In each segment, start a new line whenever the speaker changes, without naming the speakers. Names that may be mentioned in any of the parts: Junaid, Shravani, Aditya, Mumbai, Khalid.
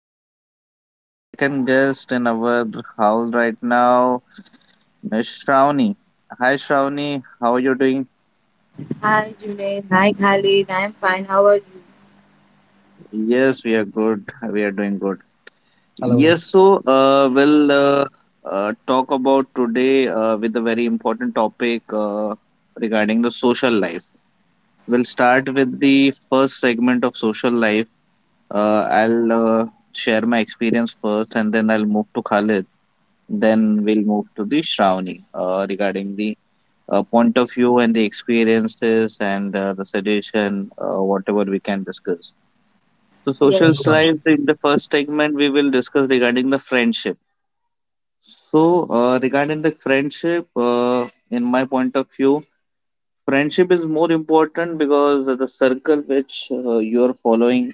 Thanks. And we have a second guest in our house right now, Miss Shravani. Hi, Shravani, how are you doing?
Hi, Julian. Hi, Khalid. I'm fine. How are you?
Yes, we are good. We are doing good.
Hello.
Yes, so we'll talk about today with a very important topic regarding the social life. We'll start with the first segment of social life. I'll share my experience first, and then I'll move to Khalid. Then we'll move to the Shravani regarding the point of view and the experiences and the suggestion, whatever we can discuss. So,
For
social
Yes,
sure.
life in the first segment, we will discuss regarding the friendship. So, regarding the friendship, in my point of view, friendship is more important because the circle which you are following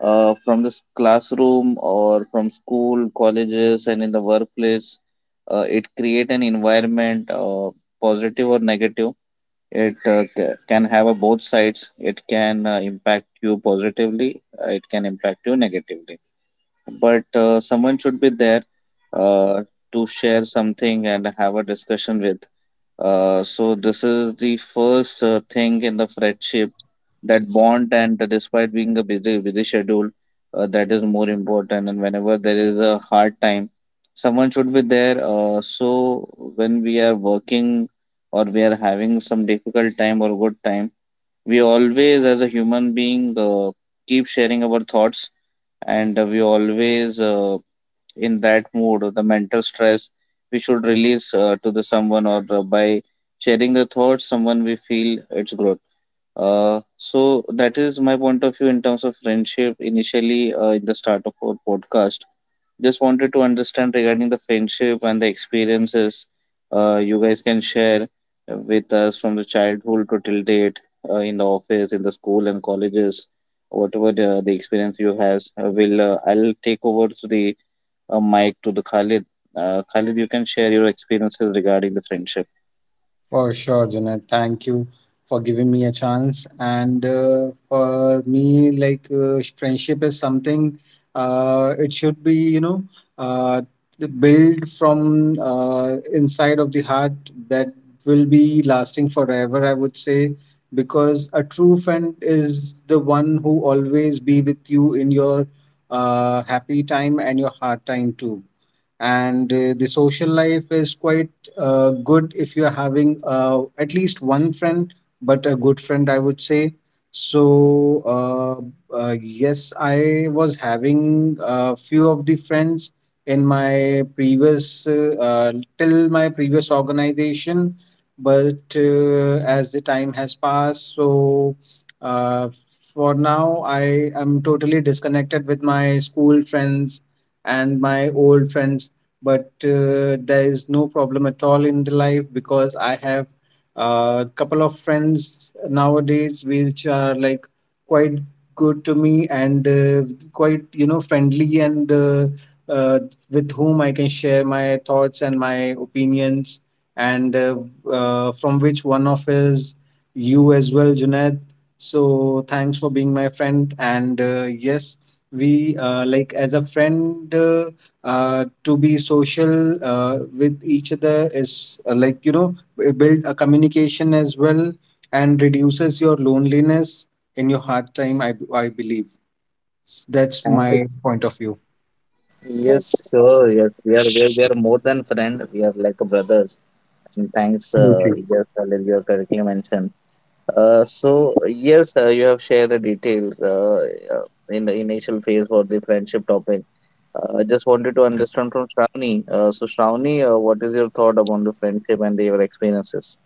from this classroom or from school, colleges, and in the workplace, it create an environment, positive or negative. It can have a both sides. It can impact you positively. It can impact you negatively, but someone should be there uh, to share something and have a discussion with. So this is the first thing in the friendship, that bond, and despite being a busy schedule, that is more important, and whenever there is a hard time, someone should be there. So when we are working or we are having some difficult time or good time, we always, as a human being, keep sharing our thoughts, and we always, in that mood, the mental stress we should release to the someone, or by sharing the thoughts, someone we feel its growth. So that is my point of view in terms of friendship. Initially, in the start of our podcast, just wanted to understand regarding the friendship, and the experiences you guys can share with us from the childhood to till date, in the office, in the school and colleges, whatever the experience you has. Will I'll take over to the a mic to the Khalid. Khalid, you can share your experiences regarding the friendship.
For sure, Janet. Thank you for giving me a chance. And for me, friendship is something. It should be, uh, the build from inside of the heart that will be lasting forever, I would say, because a true friend is the one who always be with you in your happy time and your hard time too. And the social life is quite good if you're having at least one friend, but a good friend, I would say. So, yes, I was having a few of the friends in my till my previous organization, but as the time has passed, so uh, for now, I am totally disconnected with my school friends and my old friends, but there is no problem at all in the life because I have a couple of friends nowadays which are like quite good to me, and quite, you know, friendly, and uh, with whom I can share my thoughts and my opinions, and from which one of is you as well, Junaid. So thanks for being my friend. And yes, we like as a friend. To be social with each other is like, you know, build a communication as well and reduces your loneliness in your hard time. I believe that's
And it-
my point of view.
yes,
yes, sure. Yes, we are more than friend. We are like brothers. And thanks,
Absolutely.
yes, Khalid, you have correctly mentioned. So yes, you have shared the details in the initial phase for the friendship topic. I just wanted to understand from Shravani. So Shravani, what is your thought upon the friendship and your experiences?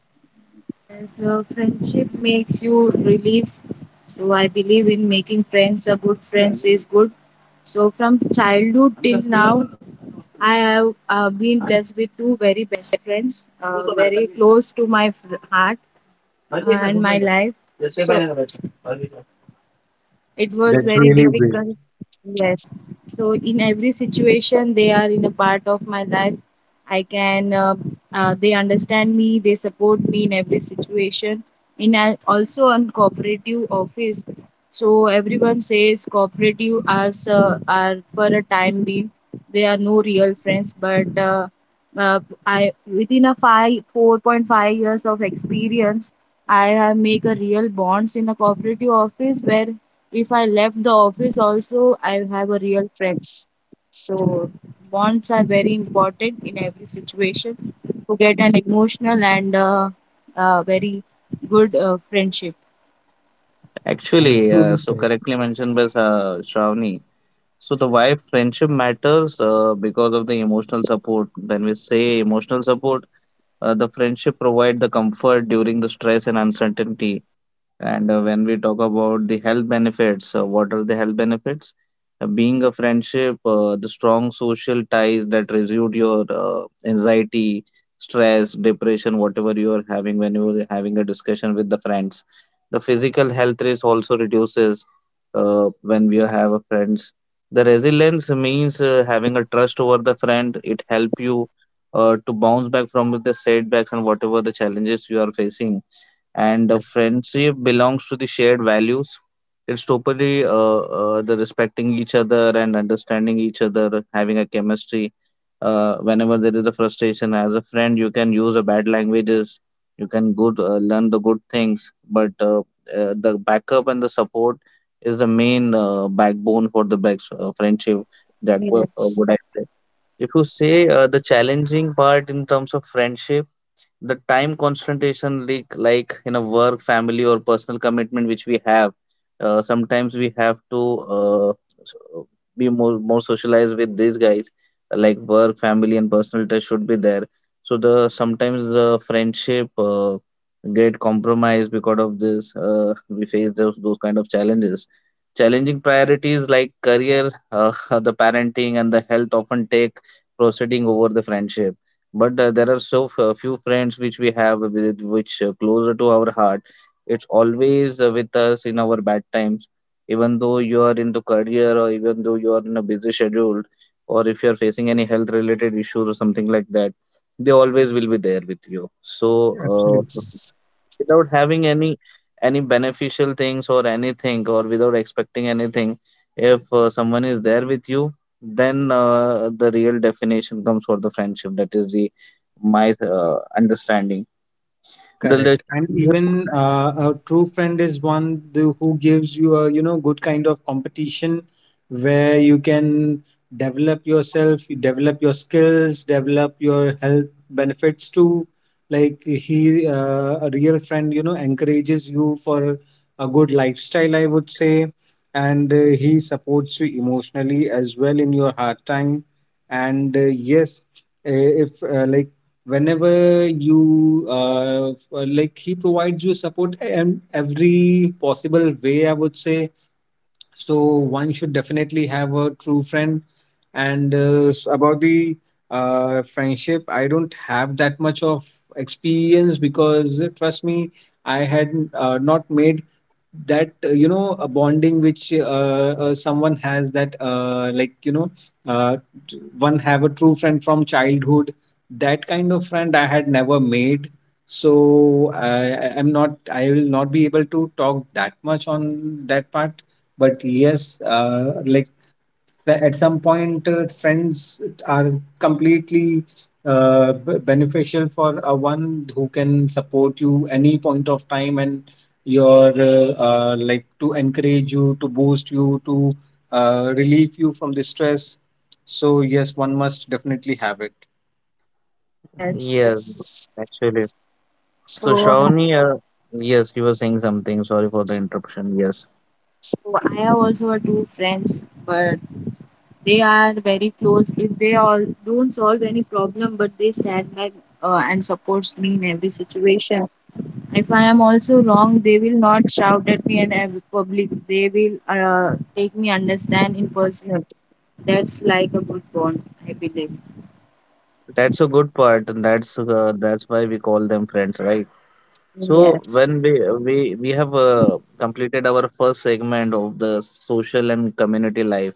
And so, friendship makes you relief. So, I believe in making friends. A good friends is good. So, from childhood till now, I have been blessed with two very best friends, very close to my heart and my life. So, it was
That's
very
really great.
difficult. Yes, so in every situation they are in a part of my life. I can They understand me, they support me in every situation, in a, also on cooperative office. So everyone says cooperative are, are for a time being, they are no real friends. But uh, uh, i within a 5 4.5 years of experience, I have make a real bonds in a cooperative office where if I left the office also, I have a real friends. So bonds are very important in every situation to get an emotional and very good friendship.
Actually,
Truly
so
said.
correctly mentioned by Shravani. So the why friendship matters, because of the emotional support. When we say emotional support, the friendship provide the comfort during the stress and uncertainty. And when we talk about the health benefits, what are the health benefits? Being a friendship, the strong social ties that reduce your anxiety, stress, depression, whatever you are having when you are having a discussion with the friends. The physical health risk also reduces when we have a friends. The resilience means having a trust over the friend. It help you to bounce back from the setbacks and whatever the challenges you are facing, and a
Correct.
friendship belongs to the shared values. It's totally the respecting each other and understanding each other, having a chemistry. Whenever there is a frustration, as a friend, you can use a bad languages, you can good learn the good things, but the backup and the support is the main backbone for the friendship. That what
Yes,
would I say? If you say the challenging part in terms of friendship, the time concentration leak, like in a work family or personal commitment which we have, sometimes we have to uh, s- uh, be more socialized with these guys, like work family and personal touch should be there. So the sometimes the friendship get compromised because of this, we face those kind of challenges, challenging priorities like career, the parenting and the health often take proceeding over the friendship. But there are few friends which we have, with which closer to our heart, it's always with us in our bad times, even though you are into career, or even though you are in a busy schedule, or if you are facing any health related issue or something like that, they always will be there with you. So
Absolutely.
with, without having any beneficial things or anything, or without expecting anything, if someone is there with you, then the real definition comes for the friendship. That is the my understanding. The
Correct. And
childhood
even
that
a
Yes,
true friend is one who gives you a, you know, good kind of competition where you can develop yourself, you develop your skills, develop your health benefits too. Like he, a real friend, you know, encourages you for a good lifestyle, I would say. And he supports you emotionally as well in your hard time. And yes, uh, if like whenever you like, he provides you support in every possible way, I would say. So one should definitely have a true friend. And about the friendship, I don't have that much of experience because trust me, I had not made that, you know, a bonding which someone has, that like, you know, uh, one have a true friend from childhood. That kind of friend I had never made. So I'm not, I will not be able to talk that much on that part. But yes, like, that at some point friends are completely beneficial for a one who can support you any point of time and your like to encourage you, to boost you, to relieve you from the stress. So yes, one must definitely have it.
yes,
yes,
yes.
actually. So,
So,
Shravani, yes, you were saying something. Sorry for the interruption. Yes,
I have also a two friends, but they are very close. If they all don't solve any problem, but they stand by and supports me in every situation. If I am also wrong, they will not shout at me in public. They will take me understand in personal. That's like a good bond, I believe.
that's a good part, and that's why we call them friends, right? So,
Yes,
when we have completed our first segment of the social and community life,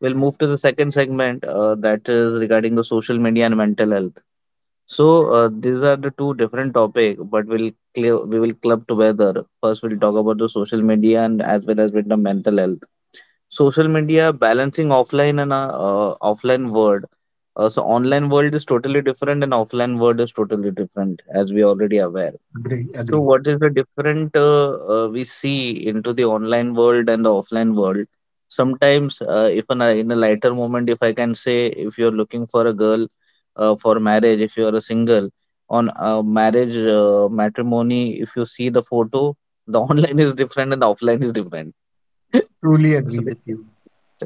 we'll move to the second segment, that is regarding the social media and mental health. So these are the two different topic, but we'll clear, we will club together. First, we'll talk about the social media and as well as with the mental health. Social media balancing offline and offline world. So online world is totally different and offline world is totally different, as we already aware.
Agree,
So
agree.
what is the different we see into the online world and the offline world? Sometimes, if an, in a lighter moment, if I can say, if you're looking for a girl for marriage, if you're a single, on marriage matrimony, if you see the photo, the online is different and the offline is different.
Truly
So,
agree with you.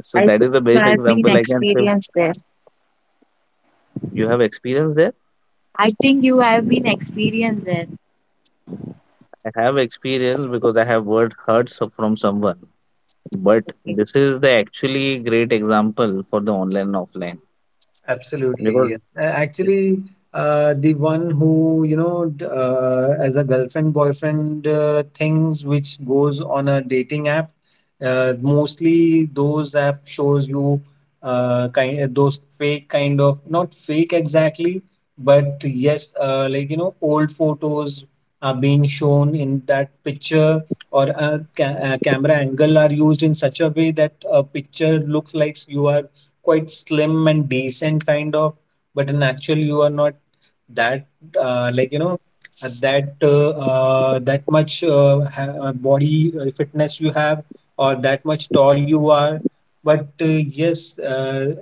so
I think
that is the
you
base
have been
example I can say.
experienced there.
You have experience there?
I think you have been experienced there.
I have experience because I have word heard so- from someone. But
Yes,
this is the actually great example for the online and offline, because
Absolutely. Actually, the one who, you know, as a girlfriend, boyfriend things which goes on a dating app, mostly those app shows you kind those fake, kind of not fake exactly, but yes, like, you know, old photos are being shown in that picture, or a ca a camera angle are used in such a way that a picture looks like you are quite slim and decent kind of, but in actual you are not that, like, you know, that much ha body fitness you have, or that much tall you are. But yes, uh,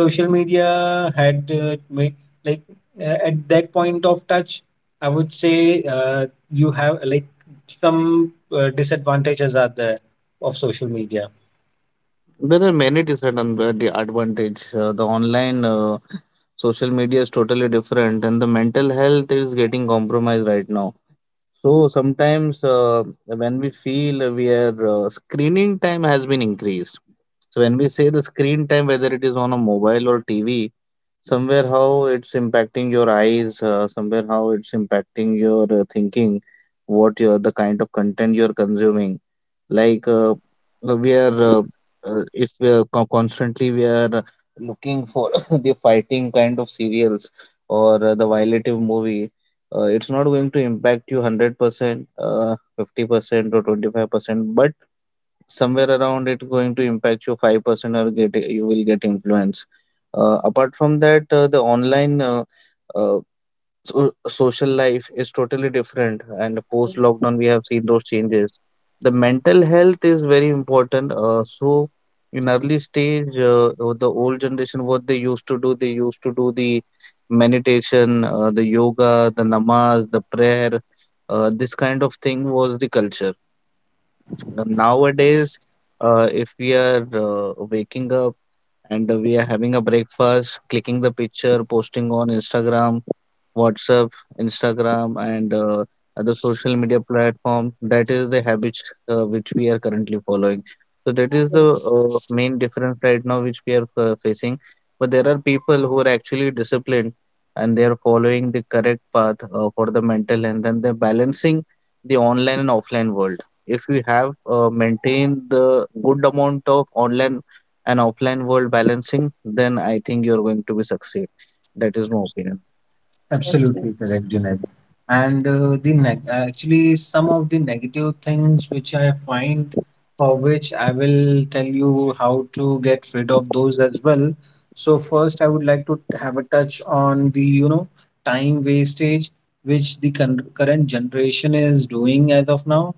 social media had made like at that point of touch, I would say uh, you have like some disadvantages are there of social media.
there are many disadvantages. The online social media is totally different, and the mental health is getting compromised right now. So sometimes when we feel we are screening time has been increased. So when we say the screen time, whether it is on a mobile or TV, somewhere how it's impacting your eyes, somewhere how it's impacting your thinking, what you the kind of content you're consuming, like we are if we are constantly, we are looking for the fighting kind of serials or the violative movie, it's not going to impact you 100% 50% or 25%, but somewhere around it going to impact your 5% or get you will get influence. Apart from that, the online uh, so, social life is totally different, and post lockdown we have seen those changes. The mental health is very important, so in early stage, the old generation, what they used to do, they used to do the meditation, the yoga, the namaz, the prayer, this kind of thing was the culture. Nowadays, if we are waking up and we are having a breakfast, clicking the picture, posting on Instagram, WhatsApp, Instagram, and other social media platform. That is the habits which we are currently following. So that is the
yes,
main difference right now which we are facing. But there are people who are actually disciplined and they are following the correct path for the mental health, and they're balancing the online and offline world. If we have maintained the good amount of online and offline world balancing, then I think you're going to be succeed. That is my opinion.
Absolutely
yes.
correct, Junaid. And actually, some of the negative things which I find, for which I will tell you how to get rid of those as well. So first, I would like to have a touch on the, you know, time wastage which the current generation is doing as of now.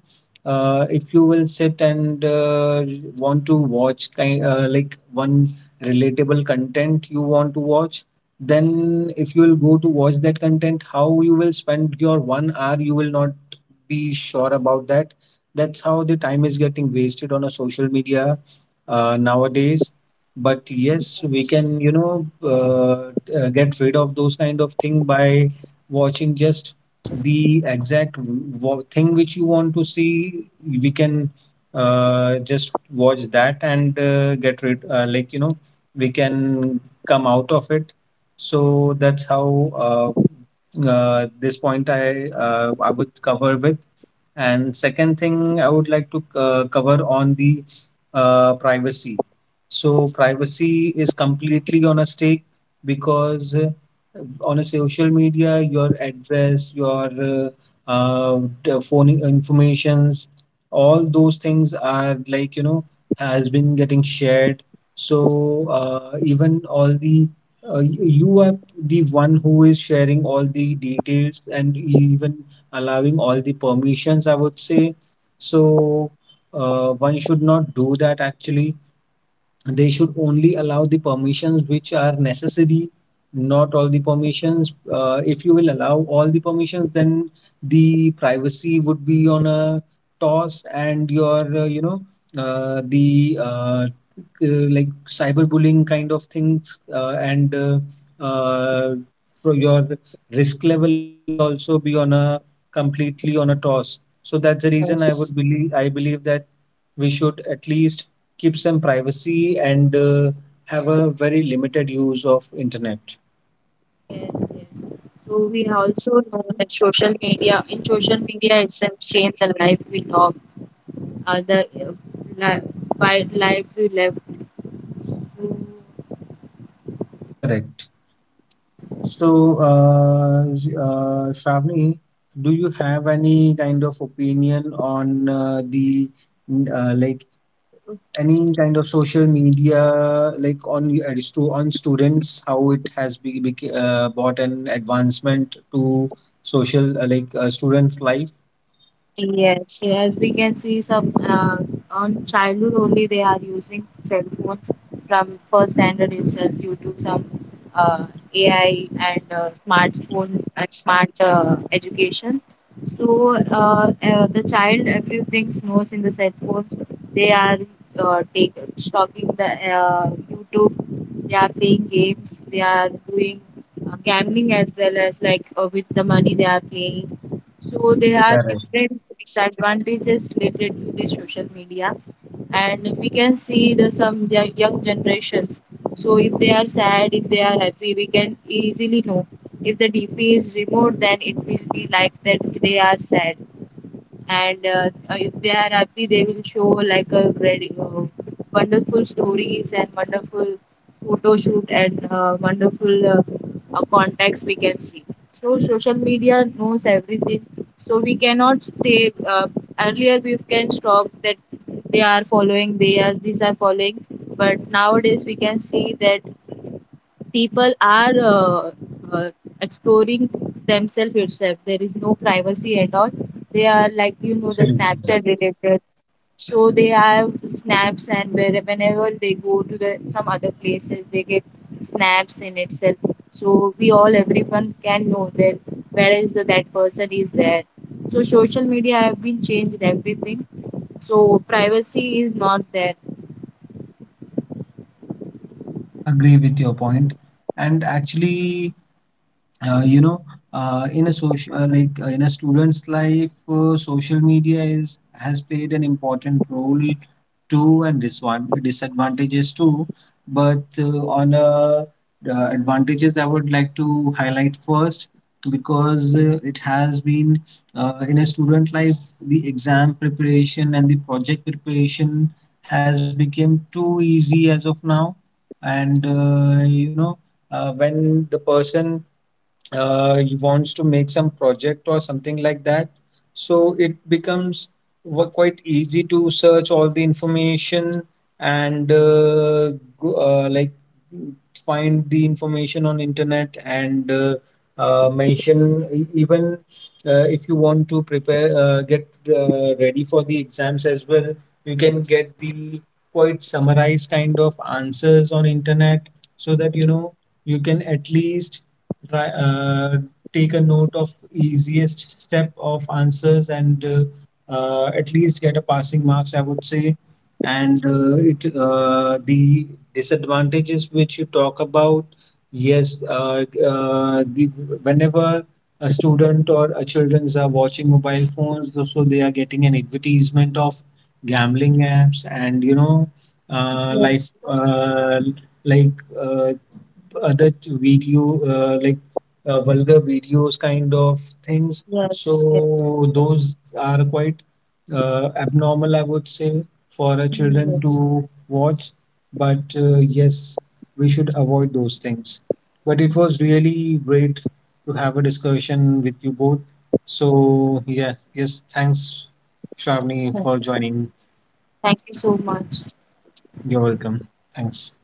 If you will sit and want to watch kind, like one relatable content you want to watch, then if you will go to watch that content, how you will spend your one hour you will not be sure about that. That's how the time is getting wasted on a social media nowadays. But yes, we can, you know, get rid of those kind of thing by watching just the exact thing which you want to see. We can just watch that and get rid, like, you know, we can come out of it. So that's how this point I would cover with. And second thing, I would like to cover on the privacy. So privacy is completely on a stake because on a social media, your address, your the phone informations, all those things are, like, you know, has been getting shared. So even all the you are the one who is sharing all the details and even allowing all the permissions, I would say. So one should not do that actually. They should only allow the permissions which are necessary, not all the permissions. If you will allow all the permissions, then the privacy would be on a toss, and your, you know, the like, cyberbullying kind of things, and uh, for your risk level will also be on a completely on a toss. So that's the reason, i would
yes.
believe i believe that we should at least keep some privacy and have a very limited use of internet.
Yes, yes. So we also know that social media, in social media itself, change the life we talk, uh, the uh, li- by life we live. So,
Correct. So, uh, Shravani, do you have any kind of opinion on the like any kind of social media, like on on students how it has brought an advancement to social, like, students' life?
yes, as we can see, some, on childhood only they are using cell phones from first standard itself due to some uh, AI and smartphone and smart education. So the child everything knows in the cell phones. They are take stalking the YouTube. They are playing games. They are doing gambling as well as like with the money they are playing. So there are
Correct.
different disadvantages related to the social media, and we can see the some young generations. So if they are sad, if they are happy, we can easily know. If the DP is removed, then it will be like that they are sad. And if they are happy they will show like a very wonderful stories and wonderful photo shoot and wonderful contacts we can see. So social media knows everything, so we cannot stay. Earlier we can stalk that they are following, they are these are following. But nowadays we can see that people are uh, exploring themselves itself, there is no privacy at all. They are like you know the
Absolutely correct.
snapchat related, so they have snaps and where, whenever they go to the some other places they get snaps in itself. So we all everyone can know that where is the that person is there. So social media have been changed everything, so privacy is not there.
Agree with your point. And actually, you know, in a social, in a student's life, social media is has played an important role too, and disadvantages too. But on advantages I would like to highlight first because it has been in a student life, the exam preparation and the project preparation has become too easy as of now. And you know, when the person he wants to make some project or something like that, so it becomes quite easy to search all the information and go, like, find the information on internet, and mention, even if you want to prepare, get ready for the exams as well, you can get the quite summarized kind of answers on internet, so that, you know, you can at least try, take a note of easiest step of answers and at least get a passing marks, I would say. And it the disadvantages which you talk about, yes, uh, the, whenever a student or a children's are watching mobile phones, so they are getting an advertisement of gambling apps, and you know, uh, like
Yes, yes,
uh, like uh, other video, uh, like vulgar videos kind of things.
yes,
So those are quite abnormal, I would say, for our children
yes.
to watch. But yes, we should avoid those things. But it was really great to have a discussion with you both. So yes, yes, thanks, Shravani,
yes.
for joining.
Thank you so much.
You're welcome. Thanks.